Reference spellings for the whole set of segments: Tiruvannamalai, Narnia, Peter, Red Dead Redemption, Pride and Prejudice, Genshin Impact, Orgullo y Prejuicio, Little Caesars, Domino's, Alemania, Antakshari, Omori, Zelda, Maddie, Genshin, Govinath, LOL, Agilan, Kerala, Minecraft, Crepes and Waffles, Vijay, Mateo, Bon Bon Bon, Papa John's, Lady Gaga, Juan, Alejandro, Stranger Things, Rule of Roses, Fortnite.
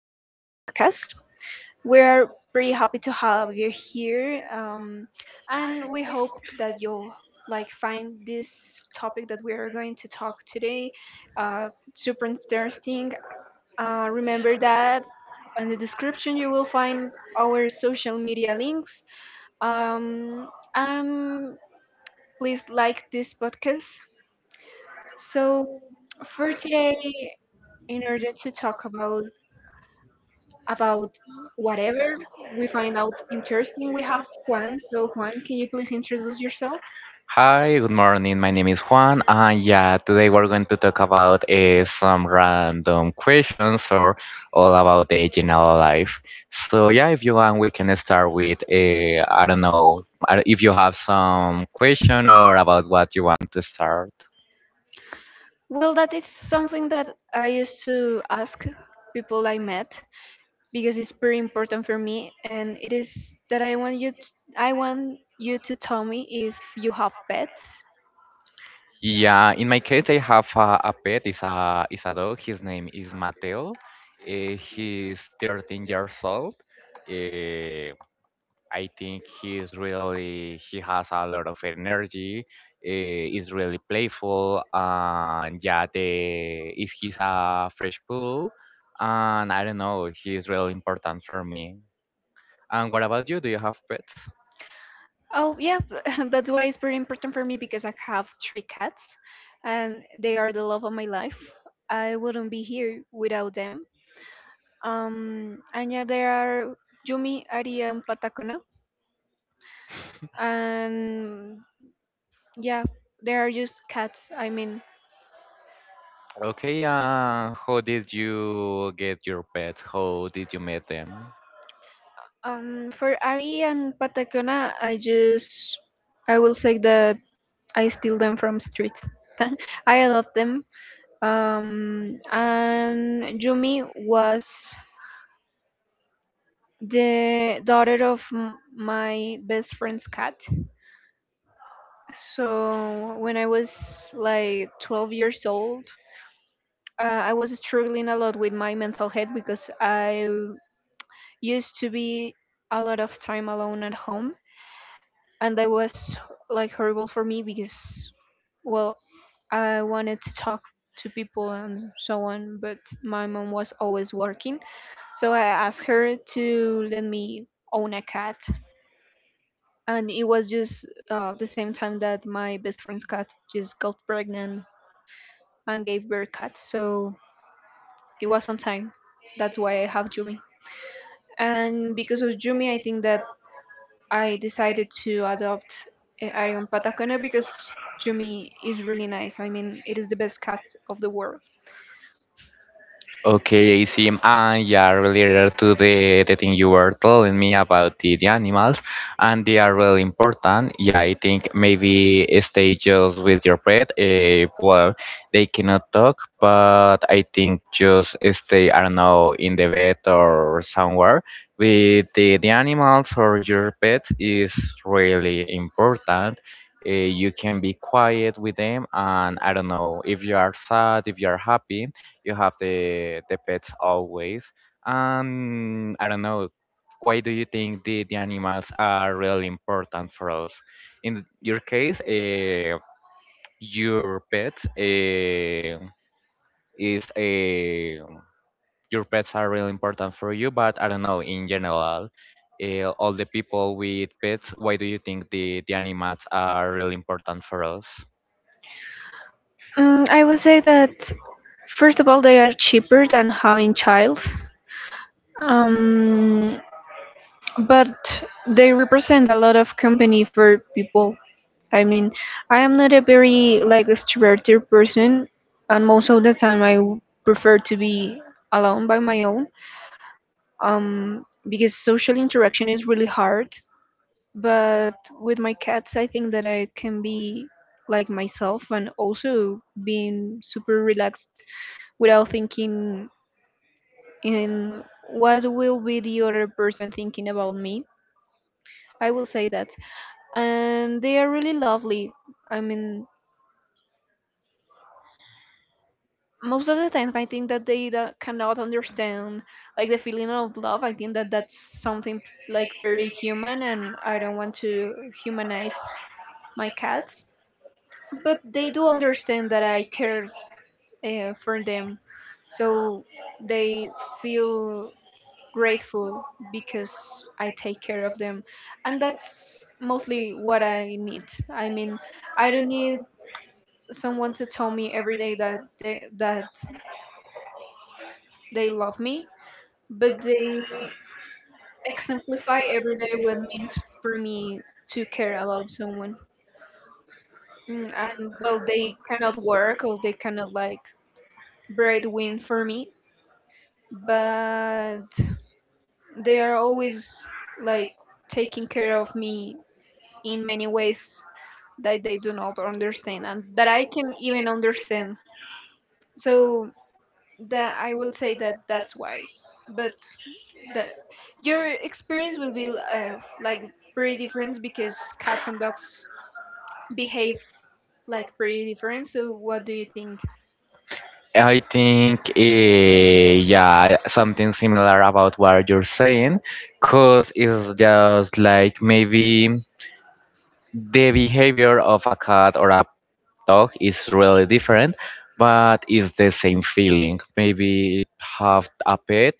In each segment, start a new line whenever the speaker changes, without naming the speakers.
incredible podcast. We're pretty happy to have you here, and we hope that you'll like find this topic that we are going to talk today super interesting. Remember that in the description you will find our social media links. Um, and Please like this podcast. So for today, in order to talk about whatever we find out interesting. We have Juan. So, Juan, can you please introduce yourself?
Hi, good morning. My name is Juan, and yeah, today we're going to talk about some random questions or all about the general life. So yeah, if you want, we can start with I don't know if you have some question or about what you want to start.
Well, that is something that I used to ask people I met because it's pretty important for me, and it is that I want you to tell me if you have pets.
Yeah, in my case, I have a pet. It's a dog. His name is Mateo. He's 13 years old. Uh, I think he is really he has a lot of energy. Is really playful, and yeah, the if he's a fresh pool, and I don't know, he is really important for me. And what about you? Do you have pets?
Oh, yeah, that's why it's pretty important for me because I have three cats, and they are the love of my life. I wouldn't be here without them. And yeah, there are Yumi, Ari, and Patacona, and yeah, there are just cats. I mean,
Okay, how did you get your pet? How did you meet them?
for Ari and Patacona, I will say that I steal them from streets. I adopt them. And Yumi was the daughter of my best friend's cat. So when I was like 12 years old, I was struggling a lot with my mental health because I used to be a lot of time alone at home, and that was like horrible for me because, well, I wanted to talk to people and so on, but my mom was always working. So I asked her to let me own a cat, and it was just the same time that my best friend's cat just got pregnant and gave birth cat. So it was on time. That's why I have Jumi. And because of Jumi, I think that I decided to adopt Arion Patacone because Jumi is really nice. I mean, it is the best cat of the world.
Okay, I see. And yeah, related to the thing you were telling me about the animals, and they are really important. Yeah, I think maybe stay just with your pet. Well, they cannot talk, but I think just stay, I don't know, in the vet or somewhere with the animals or your pets is really important. You can be quiet with them, and I don't know if you are sad, if you are happy you have the pets always. And I don't know, why do you think the animals are really important for us? In your case, your pets is a your pets are really important for you, but I don't know in general. All the people with pets, why do you think the animals are really important for us?
I would say that first of all, they are cheaper than having child, um, but they represent a lot of company for people. I mean, I am not a very like extroverted person, and most of the time prefer to be alone by my own um, because social interaction is really hard. But with my cats, I think that I can be like myself and also being super relaxed without thinking in what will be the other person thinking about me. I will say that. And they are really lovely. I mean, most of the time, I think that they cannot understand like the feeling of love. I think that that's something like very human, and I don't want to humanize my cats, but they do understand that I care for them. So they feel grateful because I take care of them. And that's mostly what I need. I mean, I don't need someone to tell me every day that they love me, but they exemplify every day what it means for me to care about someone. And well, they cannot work or they cannot like breadwin for me, but they are always like taking care of me in many ways that they do not understand and that I can even understand. So that I will say that that's why. But the your experience will be like pretty different because cats and dogs behave like pretty different. So what do you think?
I think, yeah, something similar about what you're saying, because it's just like maybe the behavior of a cat or a dog is really different, but it's the same feeling. Maybe have a pet.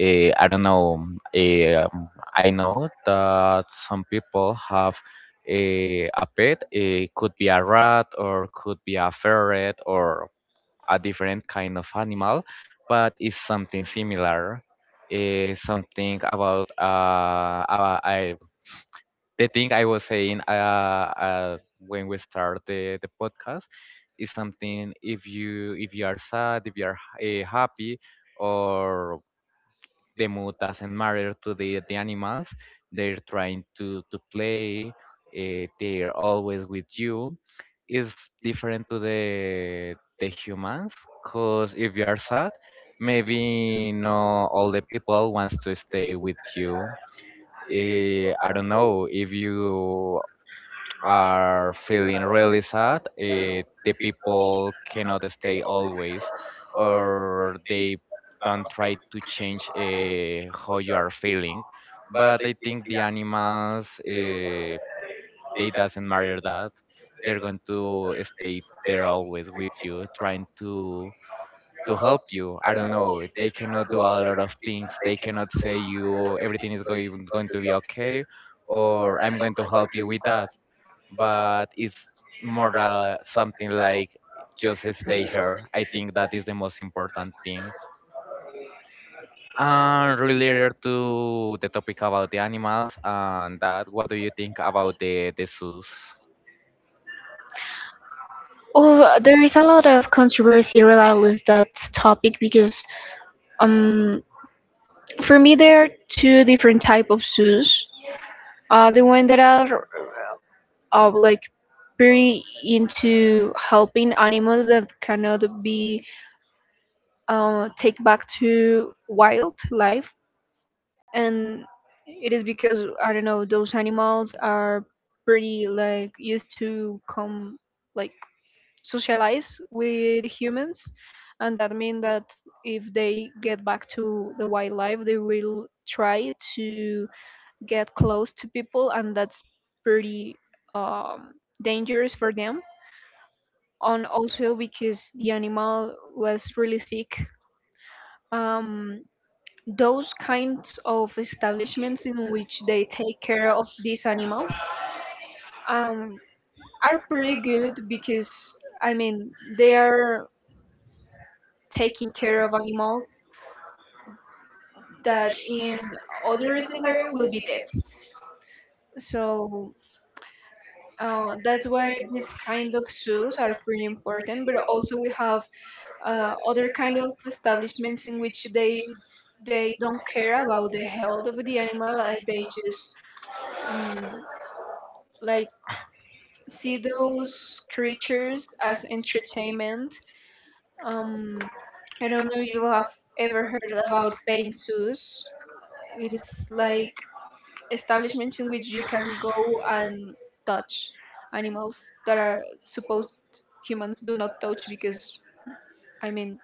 I don't know. eh, um, I know that some people have a pet. It could be a rat or could be a ferret or a different kind of animal, but it's something similar. Something about I, the thing I was saying uh, when we start the podcast is something if you are sad, if you are happy, or the mood doesn't matter to the animals. They're trying to play. They're always with you. It's different to the humans, cause if you are sad, maybe not all the people wants to stay with you. I don't know if you are feeling really sad, the people cannot stay always, or they don't try to change how you are feeling. But I think the animals, they doesn't matter that. They're going to stay there always with you, trying to help you. I don't know. They cannot do a lot of things. They cannot say you everything is going to be okay, or I'm going to help you with that, but it's more something like just stay here. I think that is the most important thing. And related to the topic about the animals and that, what do you think about the zoos?
Oh, there is a lot of controversy regardless that topic because um for me, there are two different type of zoos. The one that are like pretty into helping animals that cannot be take back to wildlife, and it is because I don't know those animals are pretty like used to come like socialize with humans, and that means that if they get back to the wildlife, they will try to get close to people and that's pretty um, dangerous for them and also because the animal was really sick. um, those kinds of establishments in which they take care of these animals um, are pretty good because I mean they are taking care of animals that in other scenario will be dead, so that's why these kind of zoos are pretty important, but also we have other kind of establishments in which they don't care about the health of the animal, like they just um, like see those creatures as entertainment. um, I don't know if you have ever heard about petting zoos. It is like establishments in which you can go and touch animals that are supposed humans do not touch because I mean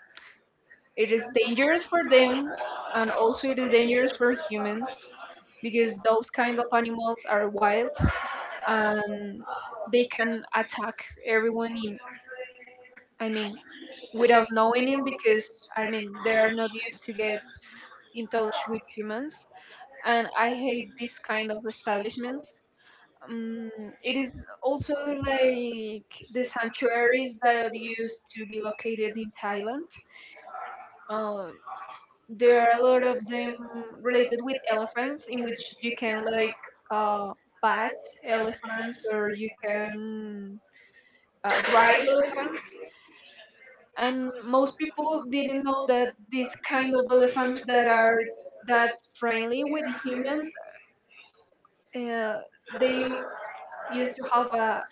it is dangerous for them and also it is dangerous for humans because those kind of animals are wild and they can attack everyone in, I mean, without knowing it because I mean they are not used to get in touch with humans, and I hate this kind of establishments. Um, it is also like the sanctuaries that are used to be located in Thailand. Uh, There are a lot of them related with elephants, in which you can like uh, pat elephants or you can ride elephants. And most people didn't know that these kind of elephants that are that friendly with humans, uh, they used to have a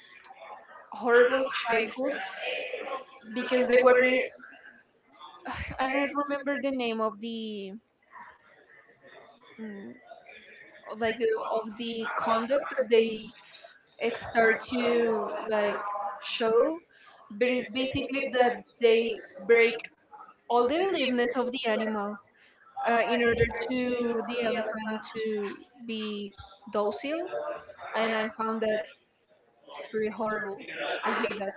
horrible childhood because they were, I don't remember the name of the, mm, like of the conduct they, it start to like show, but it's basically that they break all the liveness of the animal in order to the elephant to be docile. And I found that pretty horrible. I hate that.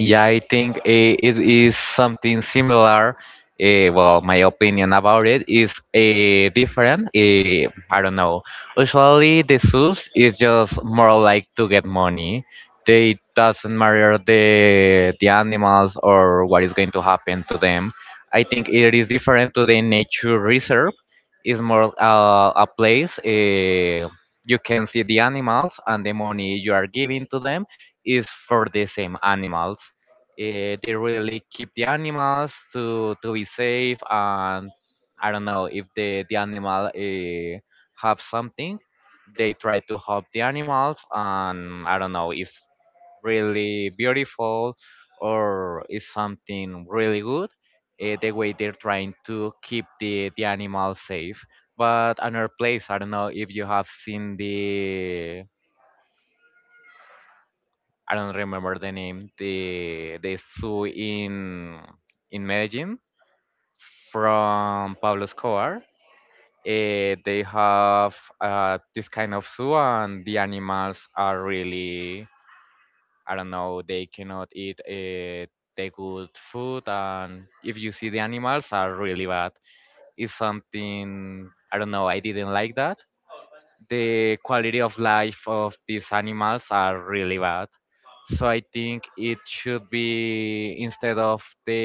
Yeah, I think it is something similar. Well, my opinion about it is different. I don't know. Usually, the zoos is just more like to get money. They doesn't matter the animals or what is going to happen to them. I think it is different to the nature reserve. It's more a place you can see the animals and the money you are giving to them is for the same animals. They really keep the animals to be safe, and I don't know if the animal have something, they try to help the animals, and I don't know if really beautiful or is something really good. The way they're trying to keep the animals safe. But another place, I don't know if you have seen the I don't remember the name, the zoo in Medellin from Pablo Escobar. They have this kind of zoo, and the animals are really, I don't know, they cannot eat the good food, and if you see the animals are really bad. It's something I don't know. I didn't like that the quality of life of these animals are really bad. So I think it should be instead of the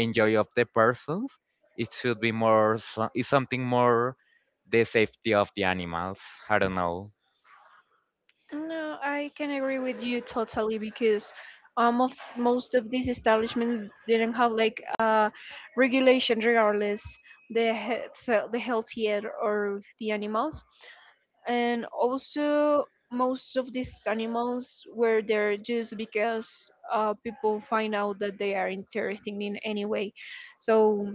enjoy of the persons, it should be more so, it's something more the safety of the animals. I don't know.
No, I can agree with you totally because of most of these establishments didn't have like regulation regardless the he- so the healthier or the animals, and also most of these animals were there just because people find out that they are interesting in any way. So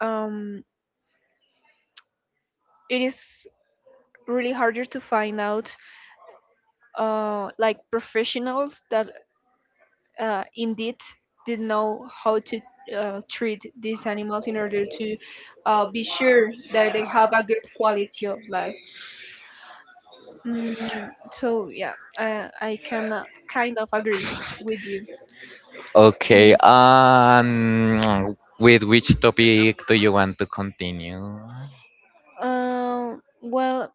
um, it is really harder to find out like professionals that indeed did know how to treat these animals in order to be sure that they have a good quality of life. mm, so yeah, I can kind of agree with you.
Okay.
Mm.
With which topic do you want to continue?
Well,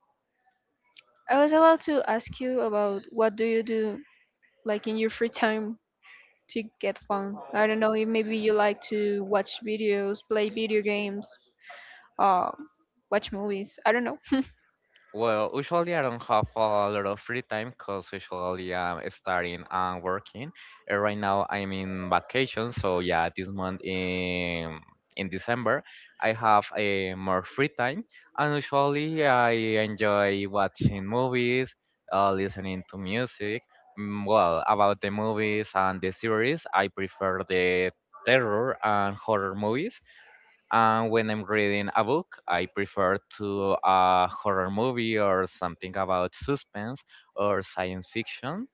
I was about to ask you about what do you do like in your free time to get fun. I don't know, maybe you like to watch videos, play video games, uh, watch movies. I don't know.
Well, usually I don't have a lot of free time because usually I'm studying and working. Right now I'm in vacation, so yeah, this month in December I have a more free time, and usually I enjoy watching movies, listening to music. Mm, well, about the movies and the series, I prefer the terror and horror movies. And when I'm reading a book, I prefer to a horror movie or something about suspense or science fiction.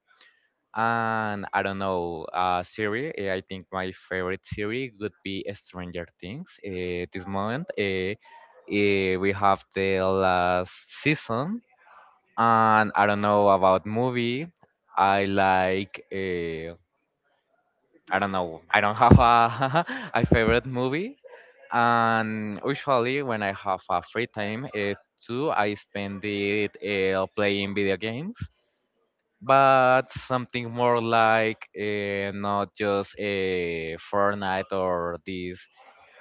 And I don't know, series. I think my favorite series would be Stranger Things. This moment, we have the last season. And I don't know about movie. I like. I don't know. I don't have a a favorite movie, and usually when I have a free time, I spend it playing video games. But something more like not just a Fortnite or these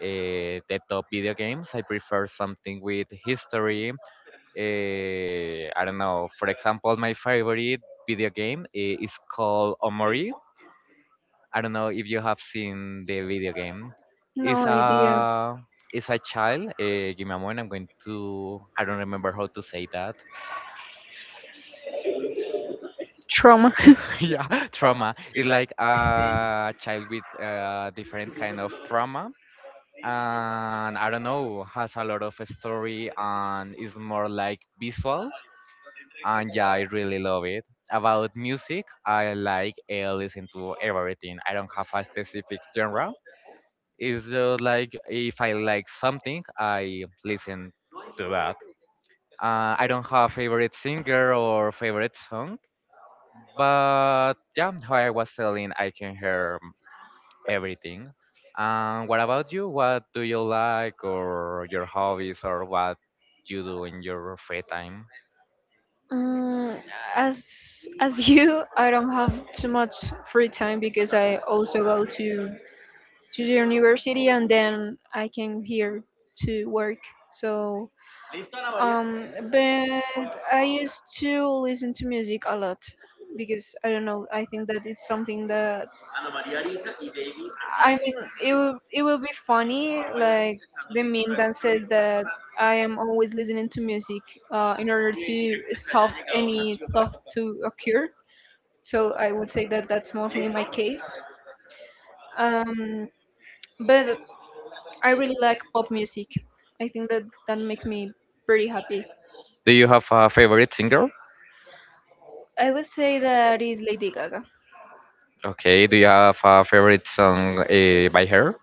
the top video games. I prefer something with history. I don't know. For example, my favorite video game is called Omori. I don't know if you have seen the video game. It's
No idea.
a it's a child. Give me a moment. I'm going to. I don't remember how to say that.
Trauma.
yeah, trauma. It's like a child with different kind of trauma, and I don't know, has a lot of story and is more like visual. And yeah, I really love it. About music, I like listen to everything. I don't have a specific genre. It's just like if I like something, I listen to that. I don't have favorite singer or favorite song, but yeah, how I was telling, I can hear everything. And what about you? What do you like, or your hobbies, or what you do in your free time?
Mm, as as you, I don't have too much free time because I also go to the university and then I came here to work. So, um, but I used to listen to music a lot because I don't know. I think that it's something that I mean it will be funny like the meme that says that I am always listening to music in order to stop any thought to occur. So I would say that that's mostly my case. Um, but I really like pop music. I think that that makes me pretty happy.
Do you have a favorite singer?
I would say that is Lady Gaga.
Okay. Do you have a favorite song by her?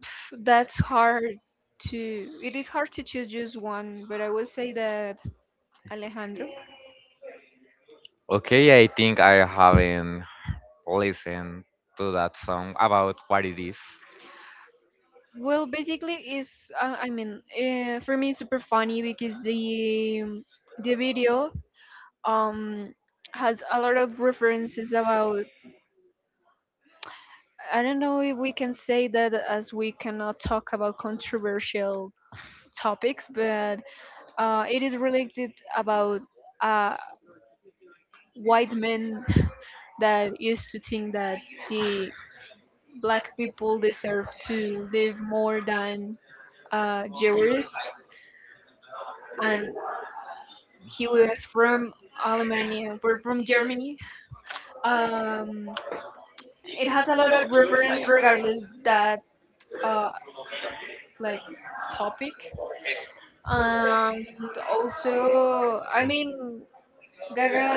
Pff, That's hard to. It is hard to choose just one, but I would say that Alejandro.
Okay, I think I haven't listen to that song about what it is.
Well, basically, is I mean, for me, it's super funny because the video um has a lot of references about. I don't know if we can say that as we cannot talk about controversial topics, but it is related about uh, white men that used to think that the black people deserve to live more than Jewers, and he was from Alemania, or from Germany. Um, it has a lot of reference, regardless that uh, like topic, and also, I mean, Gaga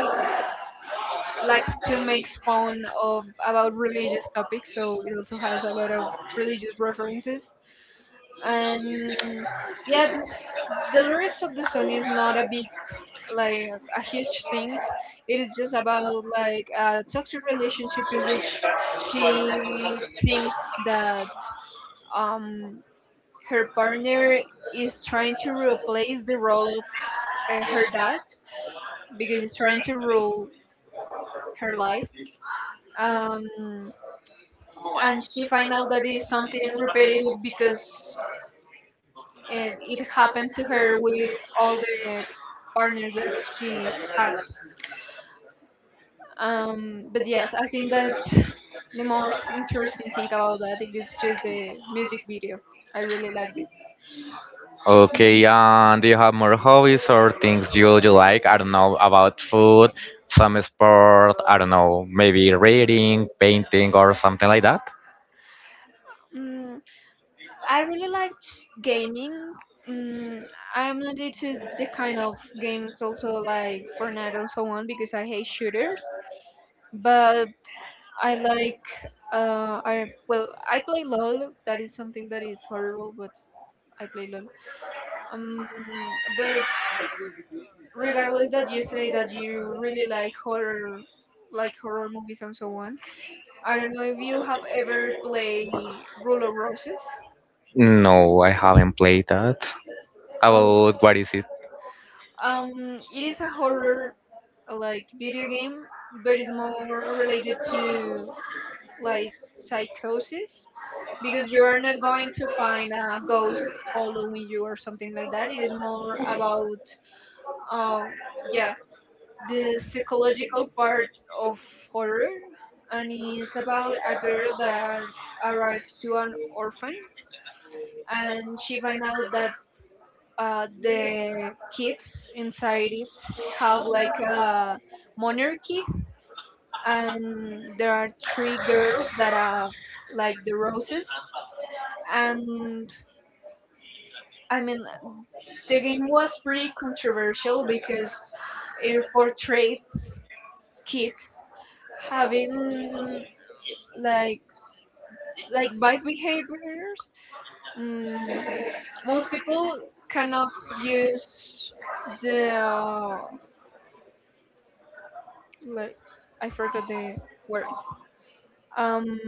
likes to make fun of about religious topics, so it also has a lot of religious references. And yeah, this the lyrics of the song is not a big like a huge thing. It is just about like a toxic relationship in which she thinks that um her partner is trying to replace the role of her dad because he's trying to rule her life. Um, and she find out that it's something repetitive because it happened to her with all the partners that she had. But yes, I think that the most interesting thing about that it is just the music video. I really liked it.
Okay, and do you have more hobbies or things you like? I don't know, about food, some sport, I don't know, maybe reading, painting, or something like that?
Mm, mm, I really liked gaming. Mm, I am not into the kind of games also like Fortnite and so on because I hate shooters. But I like I play LOL. That is something that is horrible, but I play LOL. Um, but regardless that you say that you really like horror movies and so on, I don't know if you have ever played Rule of Roses.
No, I haven't played that.
Oh,
About what is it?
it is a horror like video game, but it's more related to like psychosis. Because you are not going to find a ghost following you or something like that. It is more about, um, yeah, the psychological part of horror. And it's about a girl that arrived to an orphan, and she find out that the kids inside it have like a monarchy, and there are three girls that have like the roses. And I mean, the game was pretty controversial because it portrays kids having like like bad behaviors. Mm, most people cannot use the, like, I forgot the word. Um,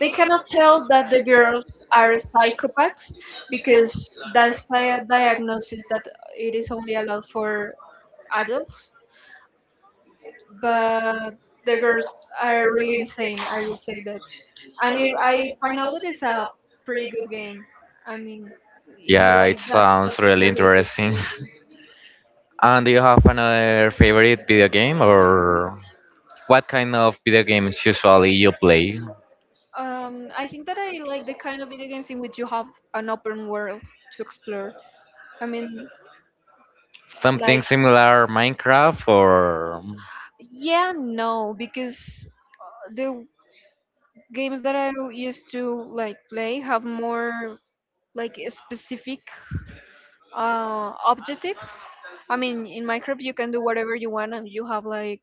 they cannot tell that the girls are psychopaths because that's a diagnosis that it is only allowed for adults, but the girls are really insane, I would say that. And it, I find out that it's a pretty good game. I mean, if you
Yeah,
like
it
that
sounds
topic
really
related
interesting.
to,
And do you have another favorite video game or what kind of video games usually you play?
I think that I like the kind of video games in which you have an open world to explore. I mean,
Something
like,
similar Minecraft or
yeah, no, because the games that I used to like play have more like specific objectives. I mean, in Minecraft you can do whatever you want, and you have like,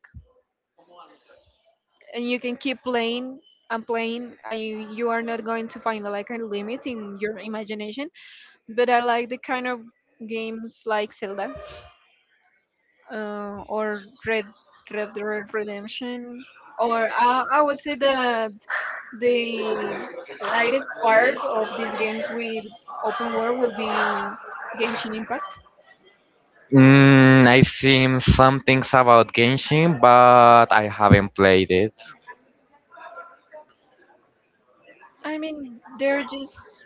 and you can keep playing and playing, and you are not going to find like a limit in your imagination. But I like the kind of games like Zelda, or Red Dead Redemption, or I would say that the lightest part of these games with open world would be Genshin Impact.
mm, I've seen some things about Genshin, but I haven't played it.
I mean, they're just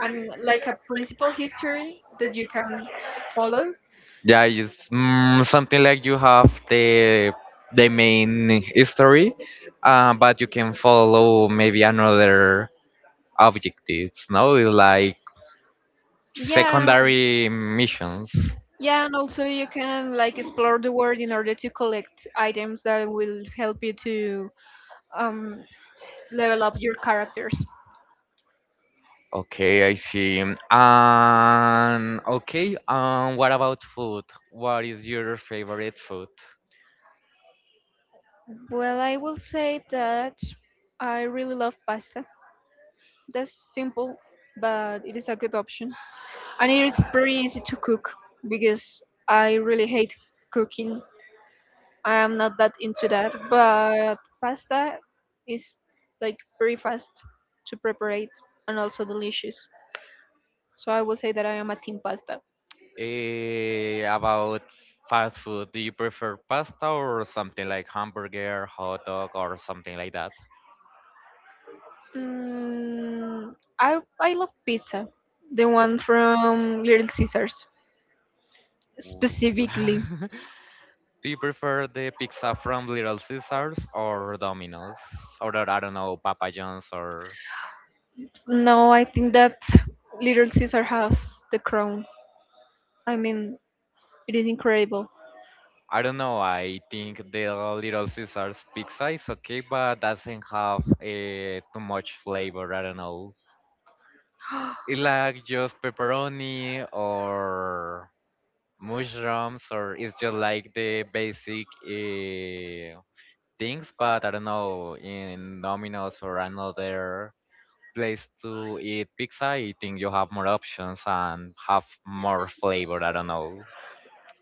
and like a principal history that you can follow.
Yeah, it's mm, something like you have the main history, but you can follow maybe another objectives. No, it's like
Yeah,
secondary missions.
yeah, and also you can like explore the world in order to collect items that will help you to um, level up your characters.
Okay, I see. And okay, what about food? What is your favorite food?
Well, I will say that I really love pasta. That's simple, but it is a good option, and it is pretty easy to cook because I really hate cooking. I am not that into that, but pasta is like very fast to prepare it and also delicious. So I would say that I am a team pasta.
About fast food, do you prefer pasta or something like hamburger, hot dog, or something like that?
Mm, I love pizza, the one from Little Caesars
Ooh.
specifically.
Do you prefer the pizza from Little Caesars or Domino's? Or I don't know, Papa John's or
No, I think that Little Caesar has the crown. I mean, it is incredible.
I don't know. I think the Little Caesars pizza is okay, but doesn't have too much flavor. I don't know. It's like just pepperoni or mushrooms or it's just like the basic things, but I don't know, in Domino's or another place to eat pizza, I think you have more options and have more flavor. I don't know.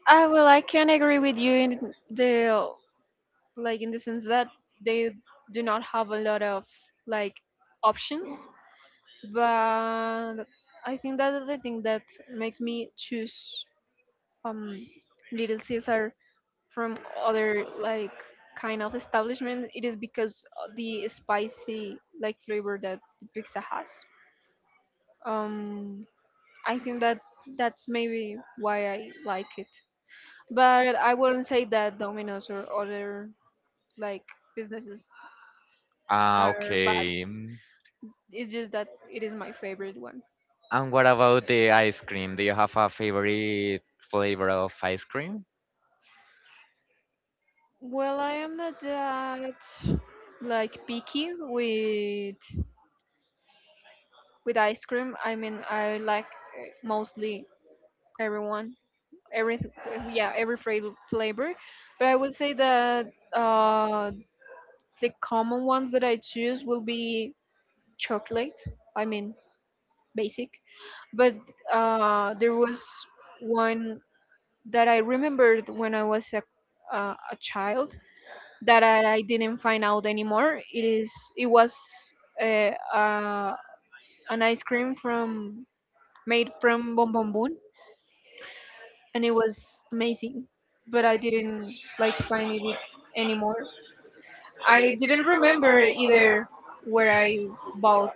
I, well, I can agree with you in the, like, in the sense that they do not have a lot of like options, but I think that the thing that makes me choose um Little Caesar from other like kind of establishment, it is because of the spicy like flavor that the pizza has. um I think that that's maybe why I like it, but I wouldn't say that Domino's or other like businesses
Ah,
are bad.
okay. Mm,
It's just that it is my favorite one.
and what about the ice cream? Do you have a favorite flavor of ice cream?
Well, I am not that like picky with ice cream. I mean, I like, mostly everyone, every yeah, every flavor. But I would say that the common ones that I choose will be chocolate. I mean, basic. But there was one that I remembered when I was a child that I didn't find out anymore. It was uh, uh, an ice cream from made from Bon Bon Bon, and it was amazing. But I didn't like find it anymore. I didn't remember either where I bought,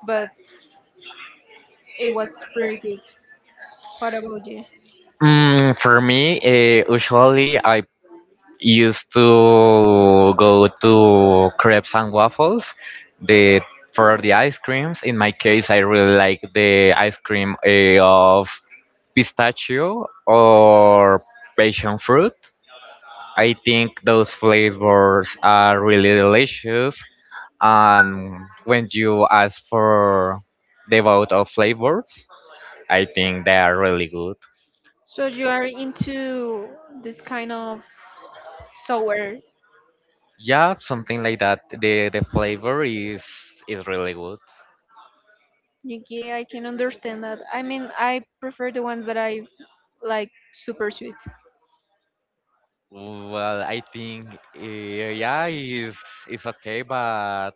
but it was pretty good. What about you?
Mm, for me, usually I used to go to crepes and waffles the for the ice creams. In my case, I really like the ice cream of pistachio or passion fruit. I think those flavors are really delicious, and when you ask for the amount of flavors, I think they are really good.
So you are into this kind of sour.
Yeah, something like that. The flavor is really good.
Yeah, I can understand that. I mean, I prefer the ones that I like super sweet.
Well, I think yeah, it's okay, but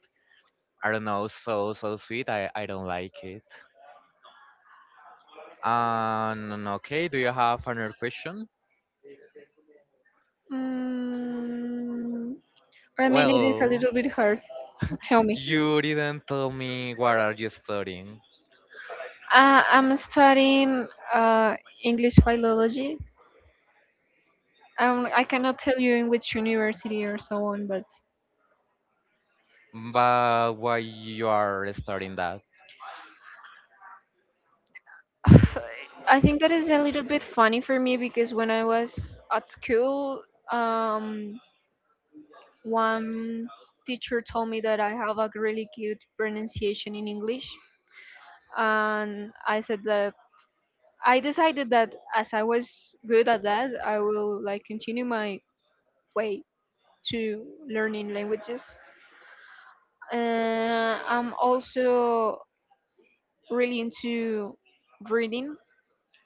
I don't know, so so sweet. I don't like it. And okay, do you have another question?
Mm, I mean, it is a
Well,
little bit hard. Tell me.
you didn't tell me what are you studying,
I'm studying uh, English philology. I cannot tell you in which university or so on, but
but why you are studying that.
I think that is a little bit funny for me because when I was at school, um, one teacher told me that I have a really good pronunciation in English, and I said that I decided that as I was good at that, I will like continue my way to learning languages. I'm also really into reading.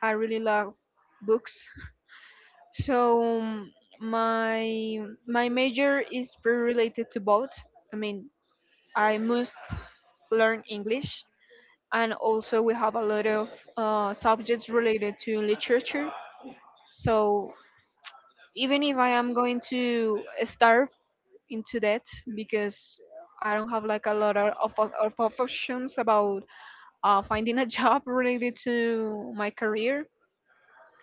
I really love books. So my my major is very related to both. I mean, I must learn English, and also we have a lot of subjects related to literature. So even if I am going to start into that because I don't have like a lot of options about finding a job related to my career.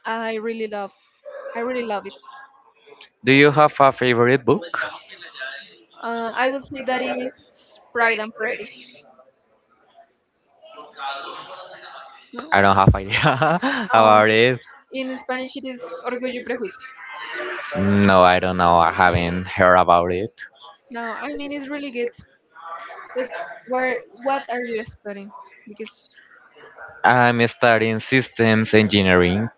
I really love, I really love it.
Do you have a favorite book?
I would say that it is Pride and Prejudice. No?
I don't have idea
Um,
about it.
in Spanish, it is Orgullo y Prejuicio.
No, I don't know. I haven't heard about it.
No, I mean it's really good. But where, what are you studying? Because
I'm studying systems engineering.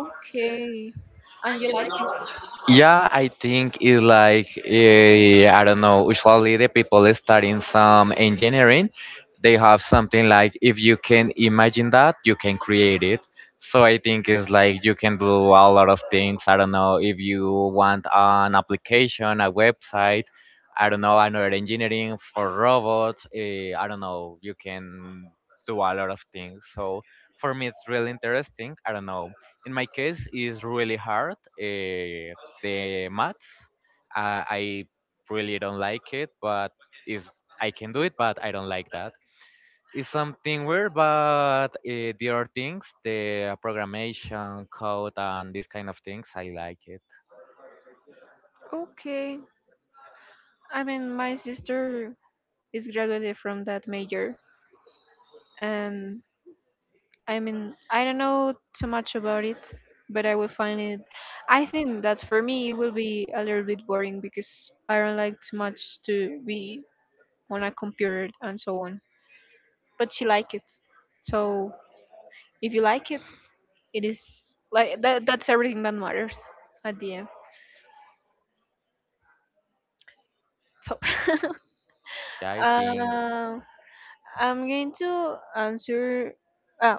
okay, and you like it.
Yeah, I think it's like I don't know. Usually, the people studying some engineering, they have something like if you can imagine that, you can create it. So I think it's like you can do a lot of things. I don't know if you want an application, a website. I don't know another engineering for robots. I don't know. You can do a lot of things. So for me, it's really interesting. I don't know in my case is really hard. Uh, the maths, I really don't like it, but is I can do it, but I don't like that. It's something weird, but there are things, the programmation, code, and these kind of things, I like it.
Okay, I mean my sister is graduated from that major, and I mean, I don't know too much about it, but I will find it. I think that for me it will be a little bit boring because I don't like too much to be on a computer and so on. But she like it, so if you like it is like that. That's everything that matters at the end. So,
Yeah, I think.
uh, I'm going to answer uh,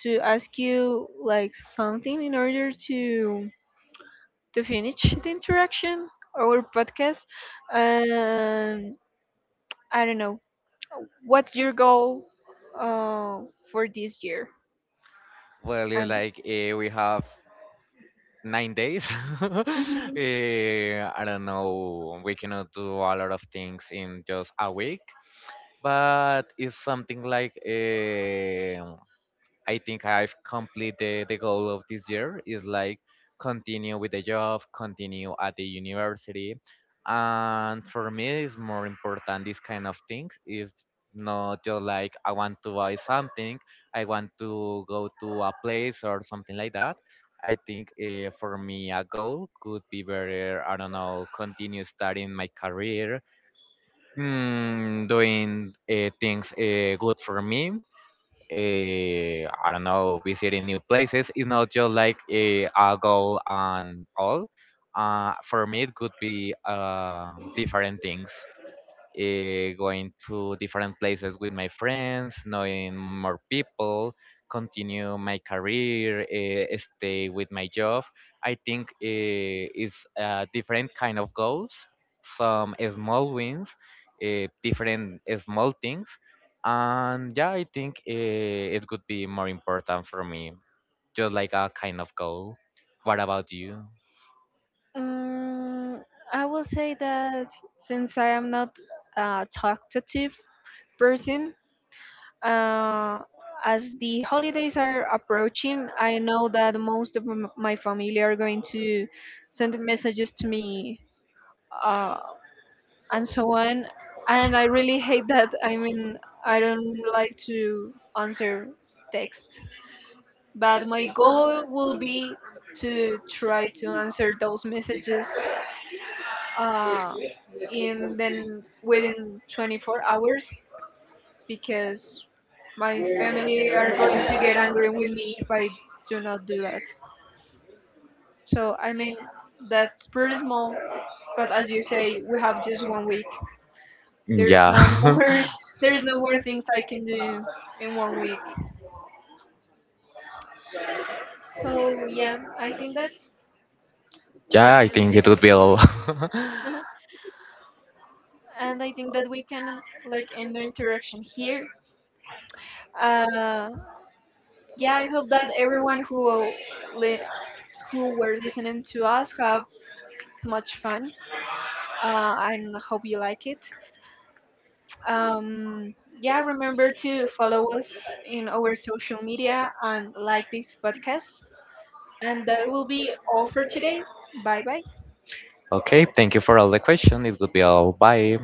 to ask you like something in order to finish the interaction, our podcast. um I don't know, what's your goal uh for this year?
Well, it's
I'm,
like we have 9 days. uh, I don't know. We cannot do a lot of things in just a week. But it's something like, um, I think I've completed the goal of this year is like continue with the job, continue at the university, and for me it's more important these kind of things is not just like I want to buy something, I want to go to a place or something like that. I think for me a goal could be better. I don't know, continue studying my career, mm, doing things good for me. I don't know, visiting new places. It's not just like a goal and all. For me, it could be different things, going to different places with my friends, knowing more people, continue my career, stay with my job. I think it's a different kind of goals, some small wins, different small things, and yeah, I think it could be more important for me, just like a kind of goal. What about you?
um, I will say that since I am not a talkative person, uh as the holidays are approaching, I know that most of my family are going to send messages to me uh, and so on. And I really hate that. I mean, I don't like to answer text, but my goal will be to try to answer those messages, uh, in then within 24 hours, because my family are going to get angry with me if I do not do that. So I mean, that's pretty small. But as you say, we have just one week. There's
Yeah,
no more. There's no more things I can do in one week. So yeah, I think that we
yeah, I think it would be all.
can, and I think that we can like end the interaction here. Uh, yeah, I hope that everyone who li- who were listening to us have much fun. And hope you like it. Um, yeah, remember to follow us in our social media and like this podcast. And that will be all for today. Bye bye.
Okay, thank you for all the question. It would be all. Bye.